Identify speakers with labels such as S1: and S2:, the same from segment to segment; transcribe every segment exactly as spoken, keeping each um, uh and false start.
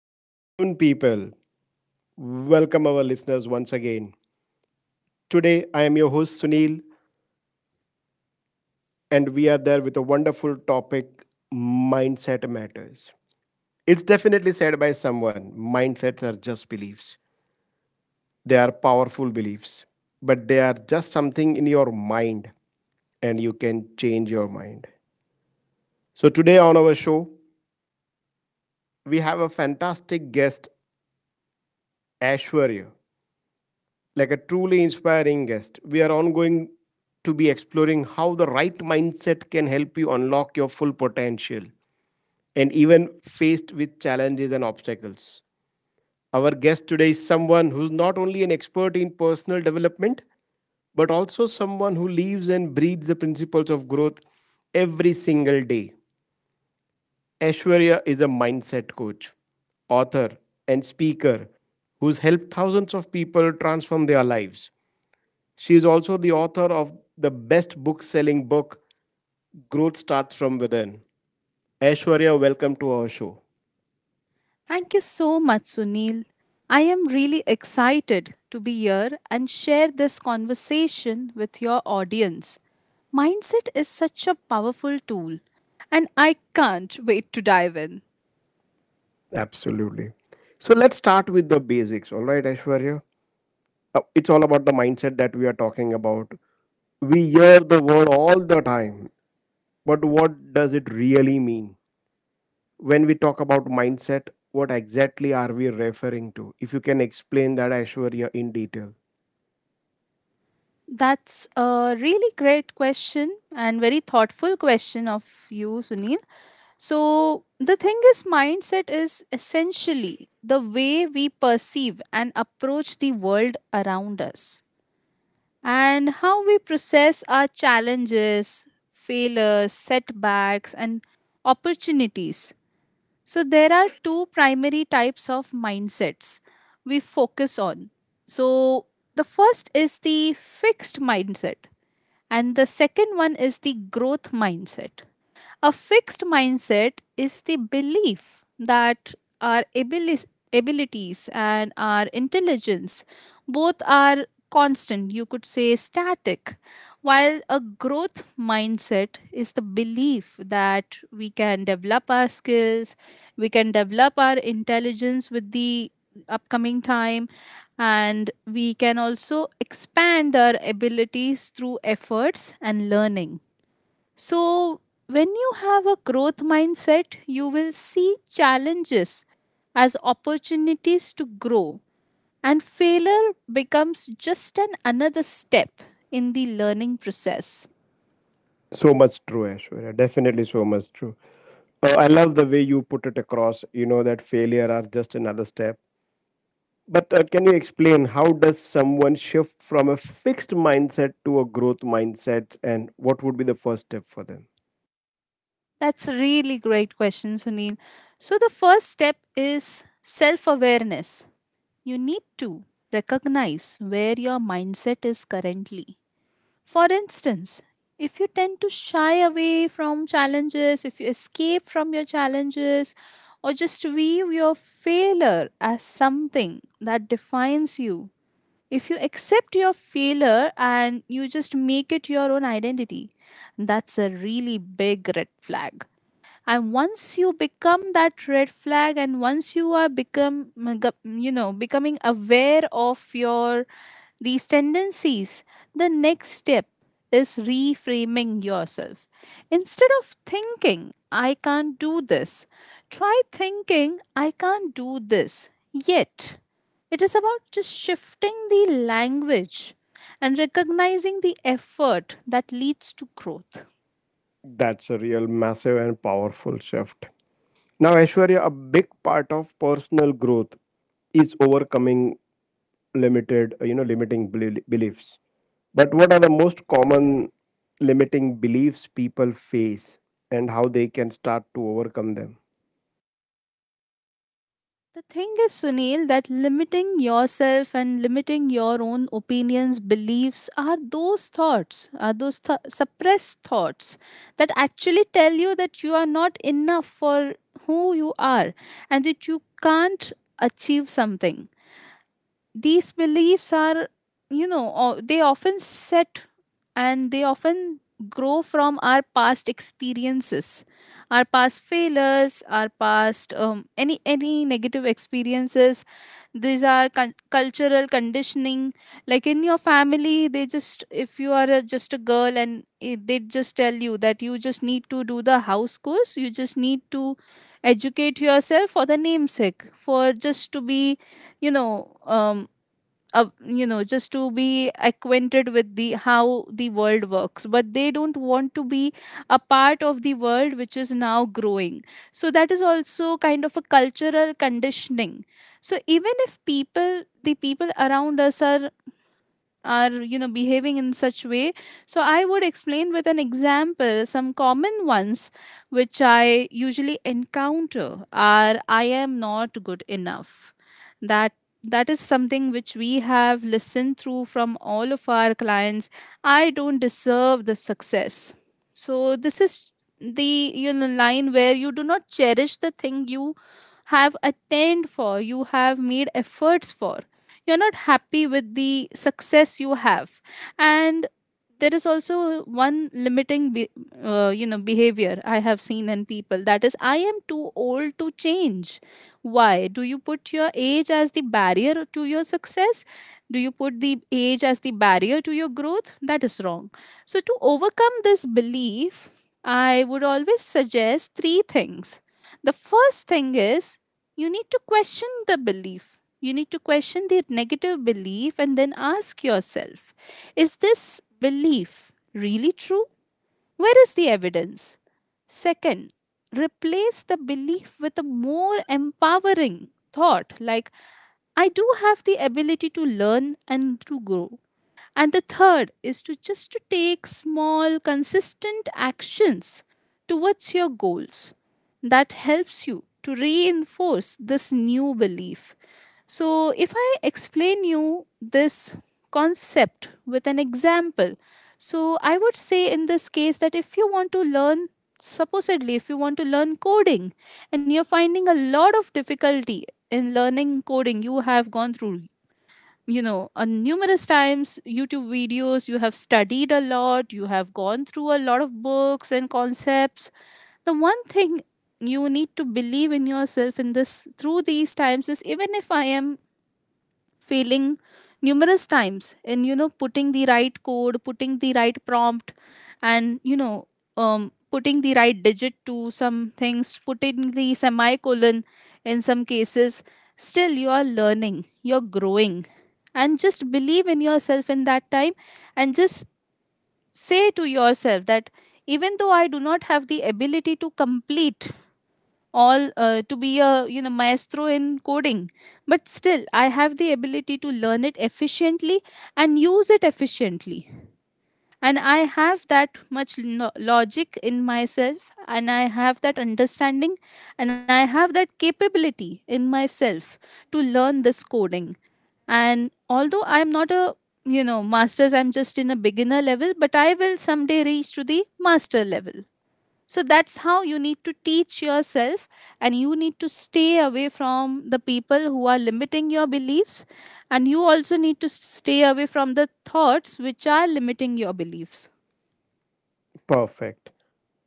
S1: Good afternoon, people. Welcome our listeners once again. Today, I am your host Sunil, and we are there with a wonderful topic, Mindset Matters. It's definitely said by someone mindsets are just beliefs. They are powerful beliefs, but they are just something in your mind, and you can change your mind. So, today on our show, we have a fantastic guest, Ashwarya. Like a truly inspiring guest. We are ongoing to be exploring how the right mindset can help you unlock your full potential and even faced with challenges and obstacles. Our guest today is someone who's not only an expert in personal development, but also someone who lives and breathes the principles of growth every single day. Ashwarya is a mindset coach, author, and speaker who's helped thousands of people transform their lives. She is also the author of the best book selling book, Growth Starts From Within. Aishwarya, welcome to our show.
S2: Thank you so much, Sunil. I am really excited to be here and share this conversation with your audience. Mindset is such a powerful tool, and I can't wait to dive in.
S1: Absolutely. So let's start with the basics. All right, Aishwarya. Uh, it's all about the mindset that we are talking about. We hear the word all the time, but what does it really mean? When we talk about mindset, what exactly are we referring to? If you can explain that, Aishwarya, in detail.
S2: That's a really great question and very thoughtful question of you, Sunil. So, the thing is, mindset is essentially the way we perceive and approach the world around us, and how we process our challenges, failures, setbacks, and opportunities. So, there are two primary types of mindsets we focus on. So, the first is the fixed mindset, and the second one is the growth mindset. A fixed mindset is the belief that our abili- abilities and our intelligence both are constant, you could say static, while a growth mindset is the belief that we can develop our skills, we can develop our intelligence with the upcoming time, and we can also expand our abilities through efforts and learning. So, when you have a growth mindset, you will see challenges as opportunities to grow, and failure becomes just an another step in the learning process.
S1: So much true, Ashwarya. Definitely so much true. Uh, I love the way you put it across, you know, that failure are just another step. But uh, can you explain how does someone shift from a fixed mindset to a growth mindset, and what would be the first step for them?
S2: That's a really great question, Sunil. So, the first step is self awareness. You need to recognize where your mindset is currently. For instance, if you tend to shy away from challenges, if you escape from your challenges, or just view your failure as something that defines you, if you accept your failure and you just make it your own identity, that's a really big red flag. And once you become that red flag and once you are become, you know becoming aware of your these tendencies, the next step is reframing yourself. Instead of thinking I can't do this, try thinking I can't do this yet. It is about just shifting the language and recognizing the effort that leads to growth.
S1: That's a real massive and powerful shift. Now, Ashwarya, a big part of personal growth is overcoming limited uh, you know, limiting beli- beliefs, but what are the most common limiting beliefs people face, and how they can start to overcome them?
S2: The thing is, Sunil, that limiting yourself and limiting your own opinions, beliefs are those thoughts, are those th- suppressed thoughts that actually tell you that you are not enough for who you are and that you can't achieve something. These beliefs are, you know o- they often set and they often grow from our past experiences, our past failures, our past, um, any any negative experiences. These are con- cultural conditioning. Like in your family, they just, if you are a, just a girl and eh, they just tell you that you just need to do the house course, you just need to educate yourself for the namesake, for just to be, you know um, uh, you know just to be acquainted with the how the world works, but they don't want to be a part of the world which is now growing. So that is also kind of a cultural conditioning. So even if people, the people around us are are you know behaving in such way. So I would explain with an example. Some common ones which I usually encounter are, I am not good enough. That that is something which we have listened through from all of our clients. I don't deserve the success. So this is the, you know line where you do not cherish the thing you have attained for, you have made efforts for. You're not happy with the success you have. And there is also one limiting be- uh, you know behavior I have seen in people, that is, I am too old to change. Why do you put your age as the barrier to your success? Do you put the age as the barrier to your growth? That is wrong. So to overcome this belief, I would always suggest three things. The first thing is you need to question the belief. You need to question the negative belief and then ask yourself, is this belief really true? Where is the evidence? Second, replace the belief with a more empowering thought like, I do have the ability to learn and to grow. And the third is to just to take small, consistent actions towards your goals. That helps you to reinforce this new belief. So, if I explain you this concept with an example, so I would say in this case that if you want to learn, supposedly, if you want to learn coding, and you're finding a lot of difficulty in learning coding, you have gone through, you know uh, numerous times YouTube videos, you have studied a lot, you have gone through a lot of books and concepts. The one thing you need to believe in yourself in this, through these times, is even if I am failing numerous times in, you know putting the right code, putting the right prompt, and, you know um, putting the right digit to some things, putting the semicolon in some cases, still you are learning, you're growing. And just believe in yourself in that time, and just say to yourself that even though I do not have the ability to complete all, uh, to be a, you know maestro in coding, but still I have the ability to learn it efficiently and use it efficiently. And I have that much lo- logic in myself, and I have that understanding, and I have that capability in myself to learn this coding. And although I am not a, you know masters, I'm just in a beginner level, but I will someday reach to the master level. So that's how you need to teach yourself, and you need to stay away from the people who are limiting your beliefs. And you also need to stay away from the thoughts which are limiting your beliefs.
S1: Perfect.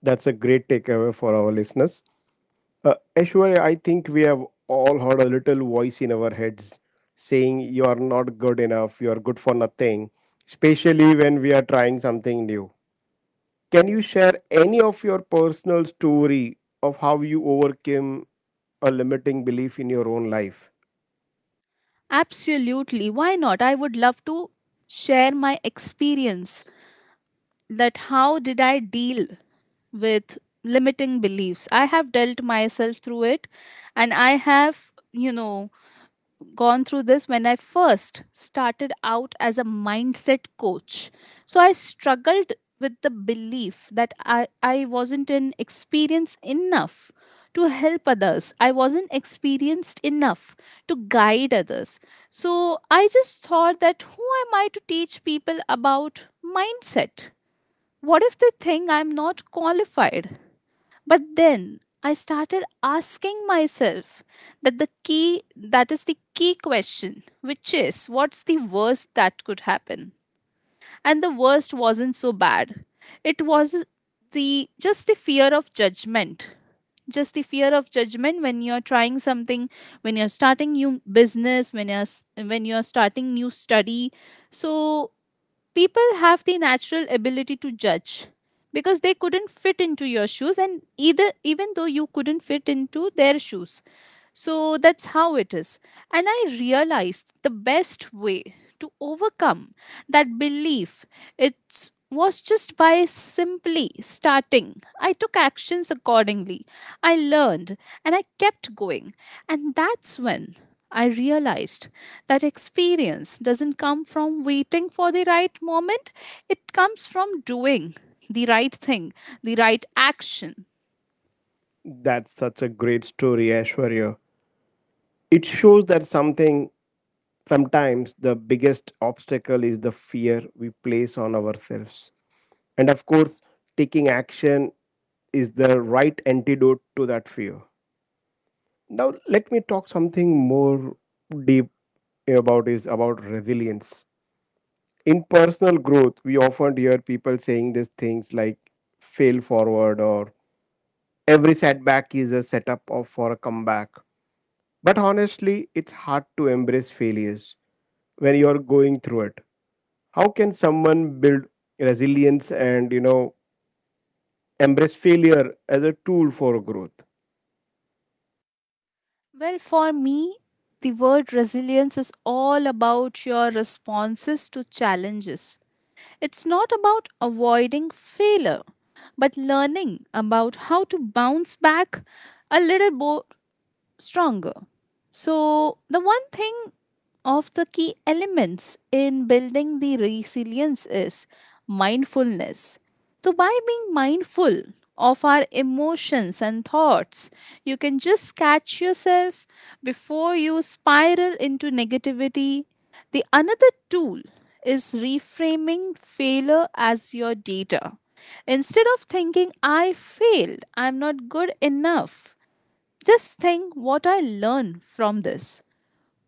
S1: That's a great takeaway for our listeners. uh, Aishwarya, I think we have all heard a little voice in our heads saying you are not good enough, you are good for nothing, especially when we are trying something new. Can you share any of your personal story of how you overcame a limiting belief in your own life?
S2: Absolutely. Why not? I would love to share my experience that how did I deal with limiting beliefs. I have dealt myself through it, and I have, you know, gone through this when I first started out as a mindset coach. So I struggled with the belief that I, I wasn't in experience enough to help others. I wasn't experienced enough to guide others. So I just thought that who am I to teach people about mindset? What if they think I'm not qualified? But then I started asking myself that the key that is the key question, which is what's the worst that could happen? And the worst wasn't so bad. It was the just the fear of judgment. Just the fear of judgment when you're trying something, when you're starting new business, when you're s- when you're starting new study. So people have the natural ability to judge because they couldn't fit into your shoes, and either even though you couldn't fit into their shoes. So that's how it is. And I realized the best way to overcome that belief, it was just by simply starting. I took actions accordingly, I learned, and I kept going. And that's when I realized that experience doesn't come from waiting for the right moment, it comes from doing the right thing, the right action.
S1: That's such a great story, Ashwarya. It shows that something sometimes the biggest obstacle is the fear we place on ourselves. And of course, taking action is the right antidote to that fear. Now let me talk something more deep about is about resilience. In personal growth, we often hear people saying these things like fail forward or every setback is a setup of for a comeback. But honestly, it's hard to embrace failures when you're going through it. How can someone build resilience and, you know, embrace failure as a tool for growth?
S2: Well, for me, the word resilience is all about your responses to challenges. It's not about avoiding failure, but learning about how to bounce back a little bo- stronger. So, the one thing of the key elements in building the resilience is mindfulness. So, by being mindful of our emotions and thoughts, you can just catch yourself before you spiral into negativity. The another tool is reframing failure as your data. Instead of thinking, I failed, I'm not good enough, just think what I learn from this.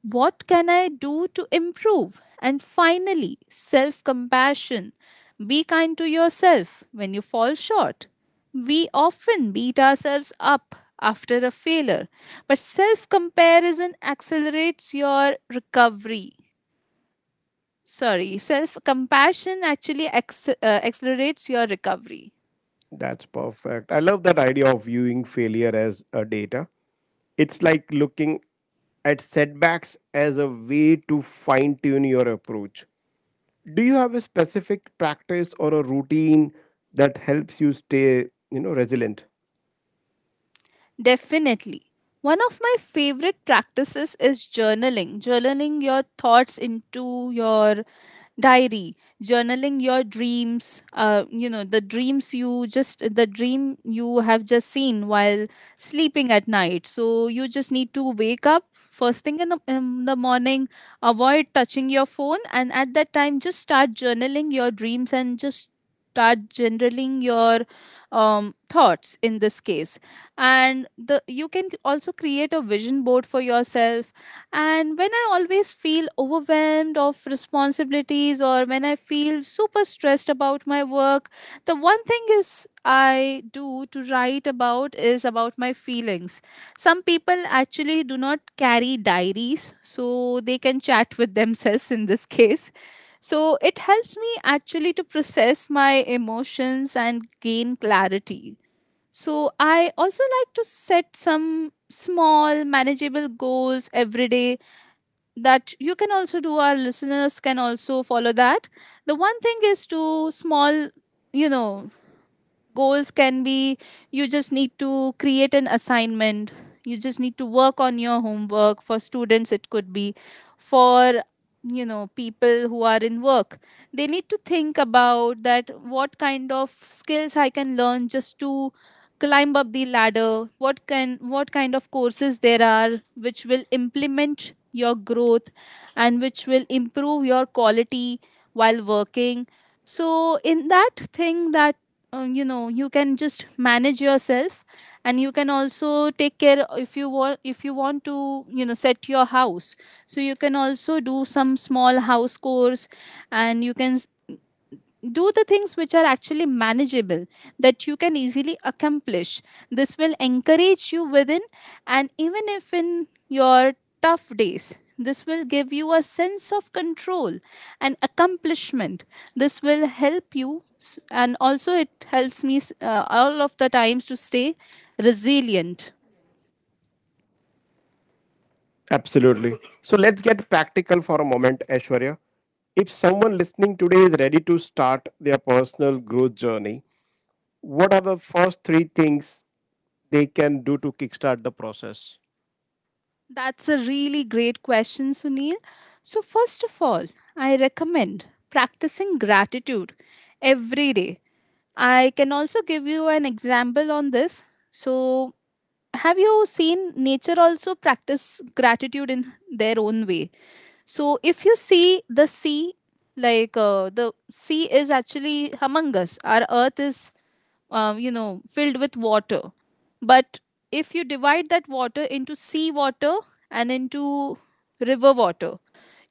S2: What can I do to improve? And finally, self compassion. Be kind to yourself when you fall short. We often beat ourselves up after a failure, but self comparison accelerates your recovery. Sorry, self compassion actually acc- uh, accelerates your recovery.
S1: That's perfect. I love that idea of viewing failure as a data. It's like looking at setbacks as a way to fine tune your approach. Do you have a specific practice or a routine that helps you stay, you know, resilient?
S2: Definitely. One of my favorite practices is journaling. Journaling your thoughts into your diary, journaling your dreams, uh, you know, the dreams you just, the dream you have just seen while sleeping at night. So you just need to wake up first thing in the, in the morning, avoid touching your phone, and at that time, just start journaling your dreams and just start generaling your um, thoughts in this case. And the you can also create a vision board for yourself. And when I always feel overwhelmed of responsibilities, or when I feel super stressed about my work, the one thing is I do to write about is about my feelings. Some people actually do not carry diaries, so they can chat with themselves in this case. So it helps me actually to process my emotions and gain clarity. So I also like to set some small manageable goals every day. That you can also do, our listeners can also follow that. The one thing is to small, you know, goals can be, you just need to create an assignment, you just need to work on your homework. For students, it could be for you know people who are in work. They need to think about that what kind of skills I can learn just to climb up the ladder. What can what kind of courses there are which will implement your growth and which will improve your quality while working. So in that thing, that uh, you know you can just manage yourself, and you can also take care. If you want if you want to you know set your house, so you can also do some small house chores, and you can s- do the things which are actually manageable, that you can easily accomplish. This will encourage you within, and even if in your tough days, this will give you a sense of control and accomplishment. This will help you s- and also it helps me s- uh, all of the times to stay resilient.
S1: Absolutely. So let's get practical for a moment, Aishwarya. If someone listening today is ready to start their personal growth journey, what are the first three things they can do to kickstart the process?
S2: That's a really great question, Sunil. So first of all, I recommend practicing gratitude every day. I can also give you an example on this. So, have you seen nature also practice gratitude in their own way? So, if you see the sea, like uh, the sea is actually humongous, our earth is, um, you know, filled with water. But if you divide that water into sea water and into river water,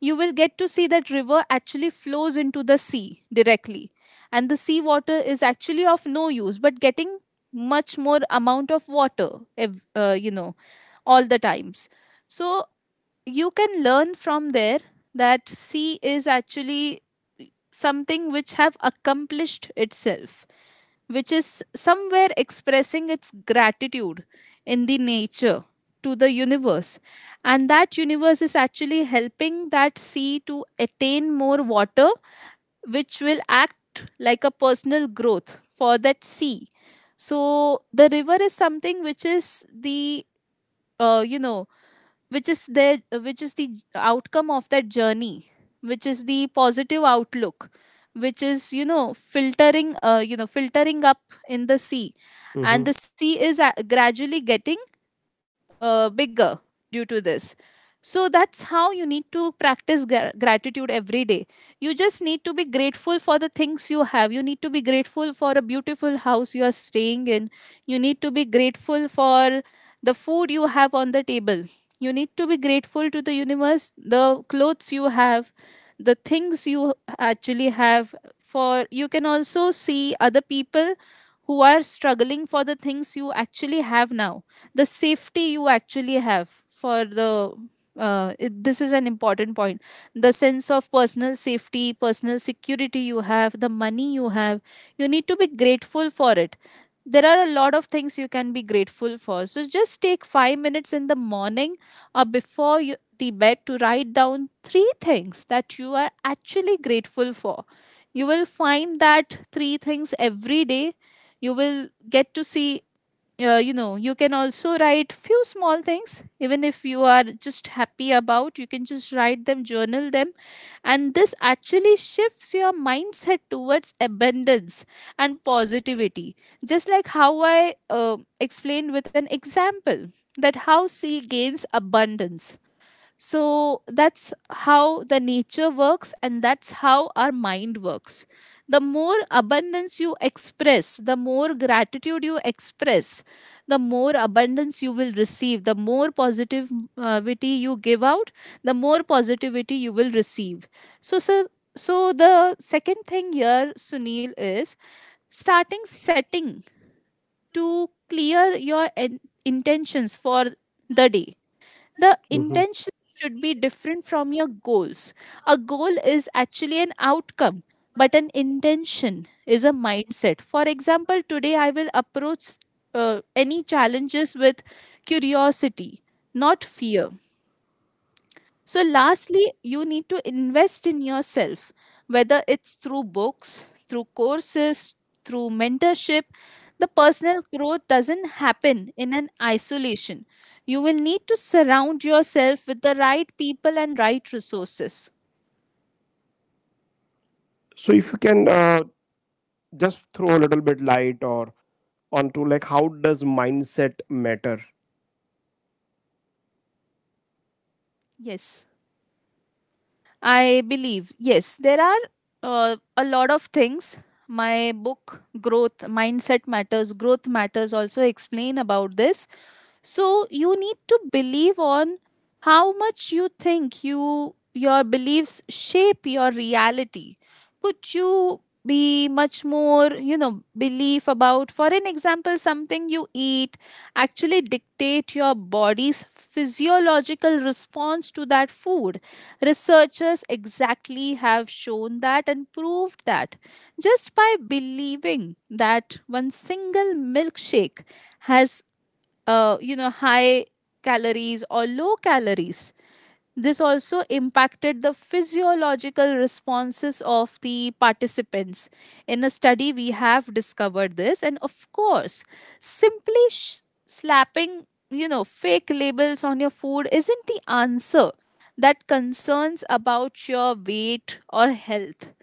S2: you will get to see that river actually flows into the sea directly, and the sea water is actually of no use but getting much more amount of water ev- uh, you know all the times. So you can learn from there that sea is actually something which have accomplished itself, which is somewhere expressing its gratitude in the nature to the universe. And that universe is actually helping that sea to attain more water, which will act like a personal growth for that sea. So the river is something which is the, uh, you know, which is their which is the outcome of that journey, which is the positive outlook, which is you know filtering uh, you know filtering up in the sea.
S1: Mhm.
S2: And the sea is a- gradually getting uh, bigger due to this. So that's how you need to practice gra- gratitude every day. You just need to be grateful for the things you have. You need to be grateful for a beautiful house you are staying in. You need to be grateful for the food you have on the table. You need to be grateful to the universe, the clothes you have, the things you actually have. For you can also see other people who are struggling for the things you actually have now, the safety you actually have, for the uh, it, this is an important point: the sense of personal safety, personal security you have, the money you have. You need to be grateful for it. There are a lot of things you can be grateful for, so just take five minutes in the morning or before you, the bed, to write down three things that you are actually grateful for. You will find that three things every day. You will get to see uh, you know you can also write few small things, even if you are just happy about, you can just write them, journal them. And this actually shifts your mindset towards abundance and positivity, just like how I uh, explained with an example that how sea gains abundance. So that's how the nature works, and that's how our mind works. The more abundance you express, the more gratitude you express, the more abundance you will receive. The more positivity you give out, the more positivity you will receive. So, so, so the second thing here, Sunil, is starting setting to clear your en- intentions for the day. The intention should be different from your goals. A goal is actually an outcome, but an intention is a mindset. For example, today I will approach uh, any challenges with curiosity, not fear. So, lastly, you need to invest in yourself, whether it's through books, through courses, through mentorship. The personal growth doesn't happen in an isolation. You will need to surround yourself with the right people and right resources.
S1: So if you can, uh, just throw a little bit light or onto like how does mindset matter?
S2: Yes, I believe. Yes, there are uh, a lot of things. My book, Growth Mindset Matters, Growth Matters, also explain about this. So you need to believe on how much you think, you your beliefs shape your reality. Could you be much more you know belief about, for an example, something you eat actually dictate your body's physiological response to that food. Researchers exactly have shown that and proved that just by believing that one single milkshake has uh, you know, high calories or low calories. This also impacted the physiological responses of the participants. In a study, we have discovered this. And of course, simply sh- slapping, you know, fake labels on your food isn't the answer that concerns about your weight or health.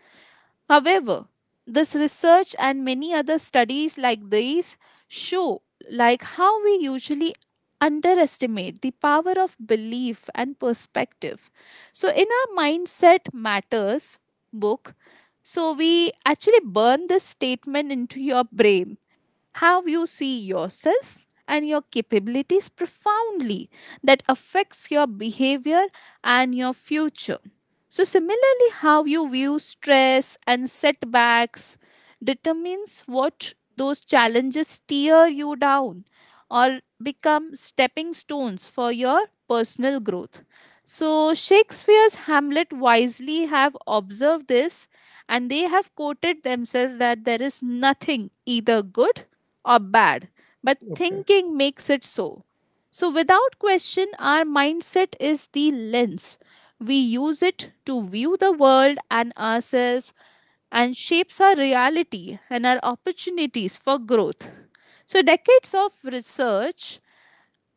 S2: However, this research and many other studies like these show like how we usually underestimate the power of belief and perspective. So in our Mindset Matters book, so we actually burn this statement into your brain. How you see yourself and your capabilities profoundly, that affects your behavior and your future. So similarly, how you view stress and setbacks determines what those challenges tear you down or become stepping stones for your personal growth. So Shakespeare's Hamlet wisely have observed this, and they have quoted themselves that there is nothing either good or bad, but
S1: Okay.
S2: thinking makes it so. So, without question, our mindset is the lens. We use it to view the world and ourselves and shapes our reality and our opportunities for growth. So, decades of research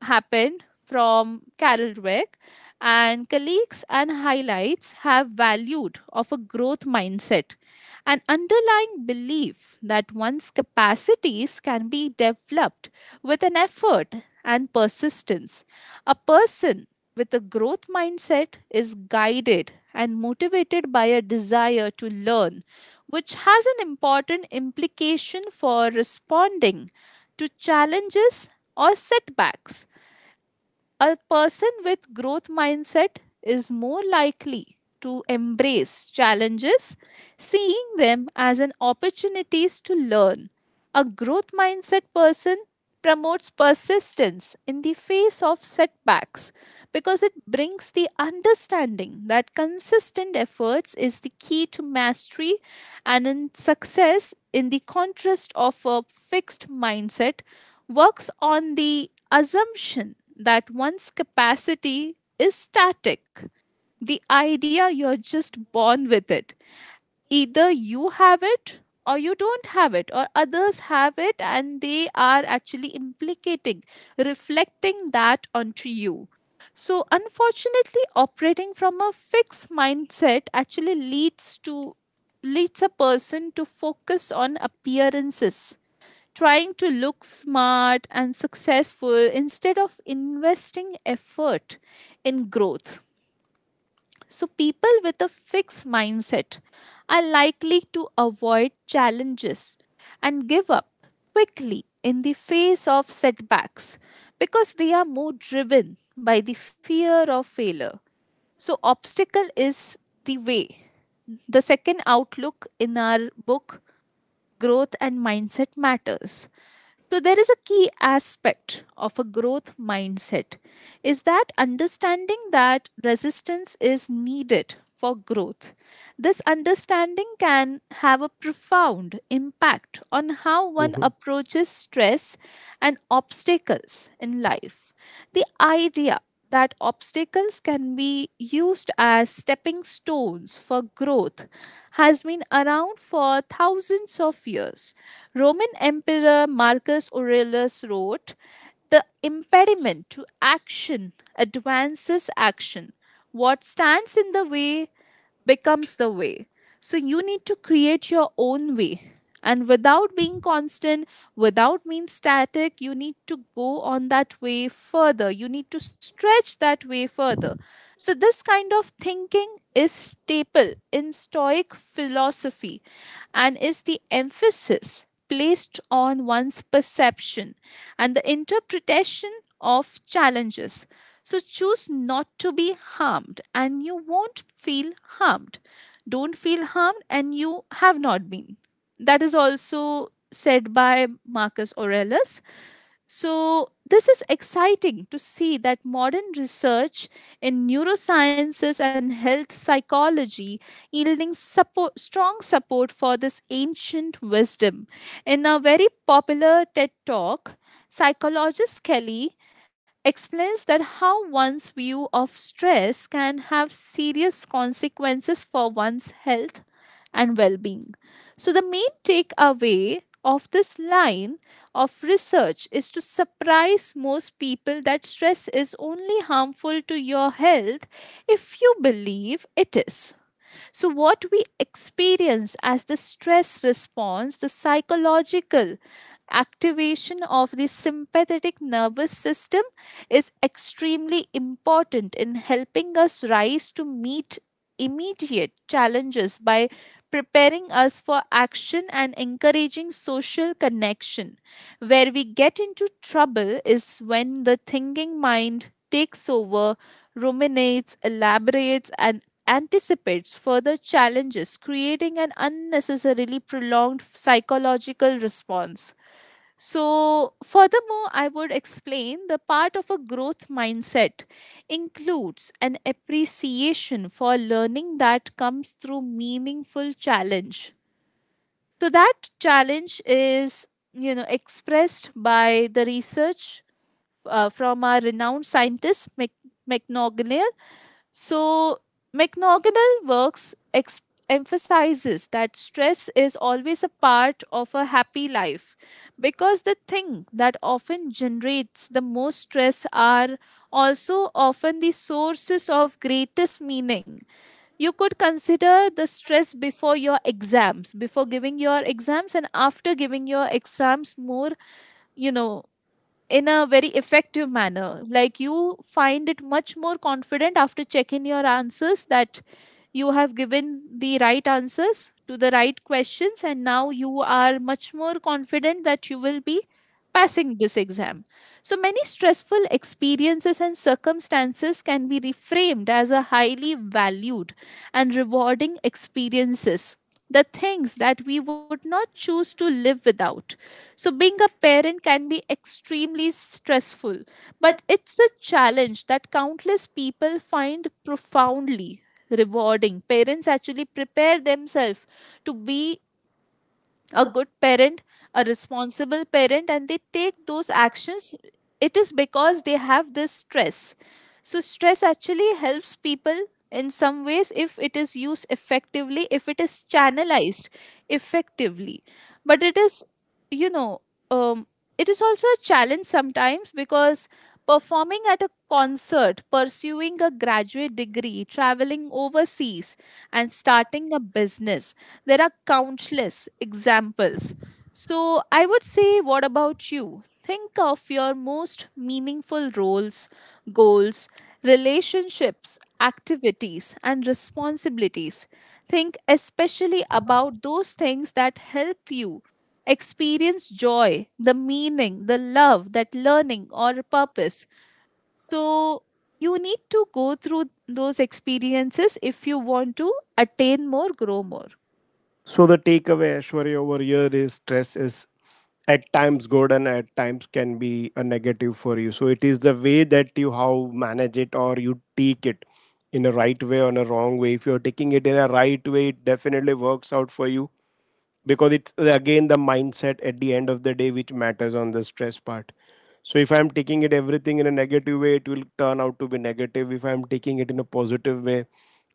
S2: happened from Carol Dweck and colleagues and highlights have valued of a growth mindset, an underlying belief that one's capacities can be developed with an effort and persistence. A person with a growth mindset is guided and motivated by a desire to learn, which has an important implication for responding to challenges or setbacks. A person with growth mindset is more likely to embrace challenges, seeing them as an opportunities to learn. A growth mindset person promotes persistence in the face of setbacks because it brings the understanding that consistent efforts is the key to mastery and in success, in the contrast of a fixed mindset, works on the assumption that one's capacity is static. The idea you're just born with it. Either you have it or you don't have it, or others have it and they are actually implicating, reflecting that onto you. So, unfortunately, operating from a fixed mindset actually leads to leads a person to focus on appearances, trying to look smart and successful instead of investing effort in growth. So, people with a fixed mindset are likely to avoid challenges and give up quickly in the face of setbacks because they are more driven by the fear of failure. So, obstacle is the way. The second outlook in our book, Growth and Mindset Matters. So, there is a key aspect of a growth mindset is that understanding that resistance is needed for growth. This understanding can have a profound impact on how one
S1: Mhm.
S2: approaches stress and obstacles in life. The idea that obstacles can be used as stepping stones for growth has been around for thousands of years. Roman Emperor Marcus Aurelius wrote, the impediment to action advances action. What stands in the way becomes the way. So you need to create your own way. And without being constant, without being static, you need to go on that way further. You need to stretch that way further. So this kind of thinking is staple in Stoic philosophy and is the emphasis placed on one's perception and the interpretation of challenges. So choose not to be harmed and you won't feel harmed. Don't feel harmed and you have not been. That is also said by Marcus Aurelius. So, this is exciting to see that modern research in neurosciences and health psychology yielding support, strong support for this ancient wisdom. In a very popular TED talk, psychologist Kelly explains that how one's view of stress can have serious consequences for one's health and well being. So, the main takeaway of this line of research is to surprise most people that stress is only harmful to your health if you believe it is. So, what we experience as the stress response, the psychological activation of the sympathetic nervous system, is extremely important in helping us rise to meet immediate challenges by preparing us for action and encouraging social connection. Where we get into trouble is when the thinking mind takes over, ruminates, elaborates, and anticipates further challenges, creating an unnecessarily prolonged psychological response. So, furthermore, I would explain the part of a growth mindset includes an appreciation for learning that comes through meaningful challenge. So, that challenge is, you know, expressed by the research uh, from our renowned scientist, Mac- so, McNaughtonal works ex- emphasizes that stress is always a part of a happy life because the thing that often generates the most stress are also often the sources of greatest meaning. You could consider the stress before your exams, before giving your exams, and after giving your exams more, you know, in a very effective manner. Like you find it much more confident after checking your answers that you have given the right answers to the right questions, and now you are much more confident that you will be passing this exam. So many stressful experiences and circumstances can be reframed as a highly valued and rewarding experiences. The things that we would not choose to live without, so being a parent can be extremely stressful, but it's a challenge that countless people find profoundly rewarding. Parents actually prepare themselves to be a good parent, a responsible parent, and they take those actions, it is because they have this stress. So, stress actually helps people in some ways if it is used effectively, if it is channelized effectively. But it is, you know, um, it is also a challenge sometimes because performing at a concert, pursuing a graduate degree, traveling overseas, and starting a business, there are countless examples. So, I would say, what about you? Think of your most meaningful roles, goals, relationships, activities, and responsibilities. Think especially about those things that help you experience joy, the meaning, the love, that learning, or purpose. So, you need to go through those experiences if you want to attain more, grow more.
S1: So the takeaway, Ashwarya, over here is stress is at times good and at times can be a negative for you. So it is the way that you how manage it or you take it in a right way or in a wrong way. If you're taking it in
S2: Yes.
S1: a right way, it definitely works out for you, because it's uh, again the mindset at the end of the day which matters on the stress part. So if I'm taking it everything in a negative way, it will turn out to be negative. If I'm taking it in a positive way,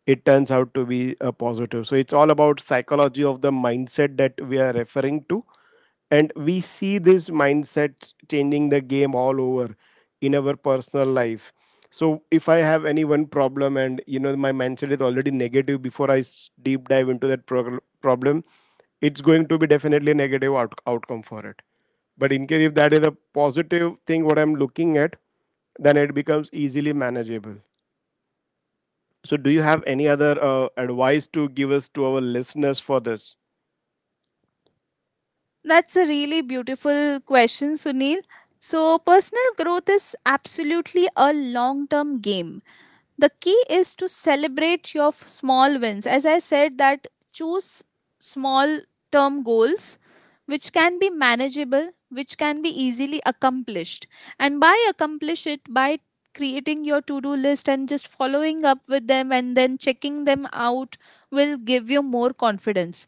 S1: it turns out to be a positive. So it's all about psychology of the mindset that we are referring to, and we see this mindset changing the game all over in our personal life. So if I have any one problem and, you know, my mindset is already negative before I s- deep dive into that prog- problem, it's going to be definitely a negative out- outcome for it. But in case if that is a positive thing what I'm looking at, then it becomes easily manageable. So do you have any other uh, advice to give us to our listeners for this?
S2: That's a really beautiful question, Sunil. So, personal growth is absolutely a long term game. The key is to celebrate your f- small wins. As I said, that choose small term goals which can be manageable, which can be easily accomplished. And by accomplish it, by creating your to do list and just following up with them and then checking them out will give you more confidence.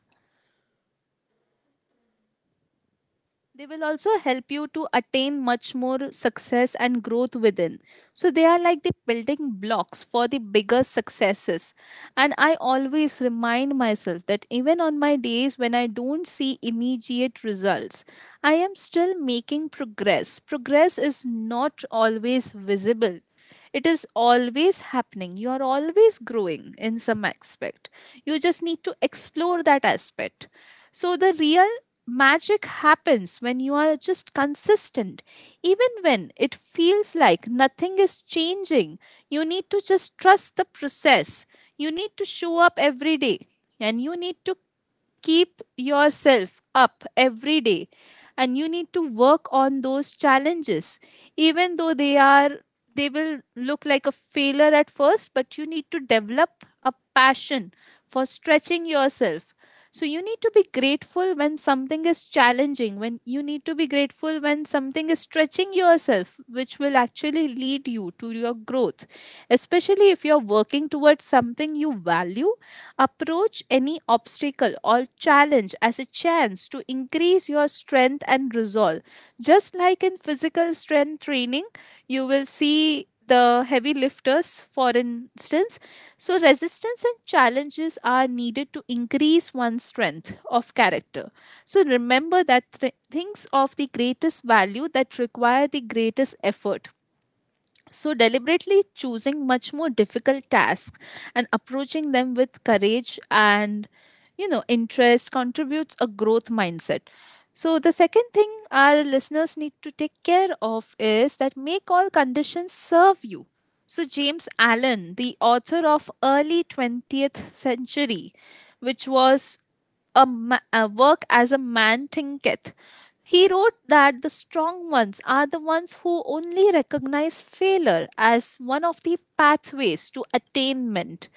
S2: They will also help you to attain much more success and growth within. So they are like the building blocks for the bigger successes. And I always remind myself that even on my days when I don't see immediate results, I am still making progress. Progress is not always visible, it is always happening, you are always growing in some aspect, you just need to explore that aspect. So the real magic happens when you are just consistent. Even when it feels like nothing is changing, you need to just trust the process. You need to show up every day and you need to keep yourself up every day and you need to work on those challenges even though they are they will look like a failure at first, but you need to develop a passion for stretching yourself. So you need to be grateful when something is challenging, when you need to be grateful when something is stretching yourself, which will actually lead you to your growth, especially if you're working towards something you value. Approach any obstacle or challenge as a chance to increase your strength and resolve. Just like in physical strength training, you will see the heavy lifters, for instance. So, resistance and challenges are needed to increase one's strength of character. So, remember that th- things of the greatest value that require the greatest effort, so deliberately choosing much more difficult tasks and approaching them with courage and, you know, interest contributes a growth mindset. So, the second thing our listeners need to take care of is that make all conditions serve you. So, James Allen, the author of early twentieth century, which was a, ma- a work as a man thinketh. He wrote that the strong ones are the ones who only recognize failure as one of the pathways to attainment.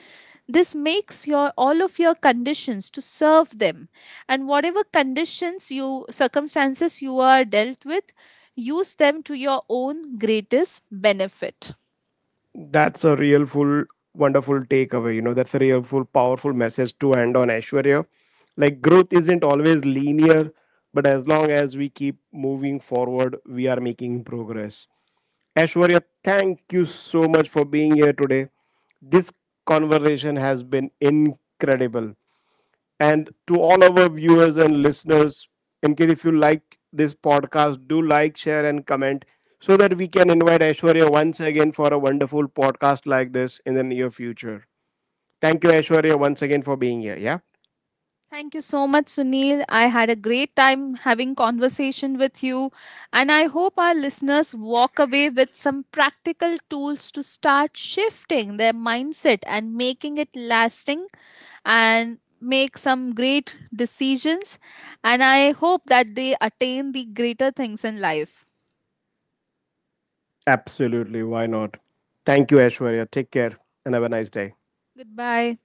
S2: This makes your all of your conditions to serve them, and whatever conditions you circumstances you are dealt with, use them to your own greatest benefit.
S1: That's a real full wonderful takeaway. You know, that's a real full powerful message to end on, Aishwarya. Like growth isn't always linear, but as long as we keep moving forward, we are making progress. Aishwarya, thank you so much for being here today. This conversation has been incredible. And to all our viewers and listeners, in case if you like this podcast, do like, share, and comment so that we can invite Aishwarya once again for a wonderful podcast like this in the near future. Thank you, Aishwarya, once again for being here. Yeah?
S2: Thank you so much, Sunil. I had a great time having conversation with you, and I hope our listeners walk away with some practical tools to start shifting their mindset and making it lasting and make some great decisions. And I hope that they attain the greater things in life.
S1: Absolutely. Why not? Thank you, Aishwarya. Take care and have a nice day.
S2: Goodbye.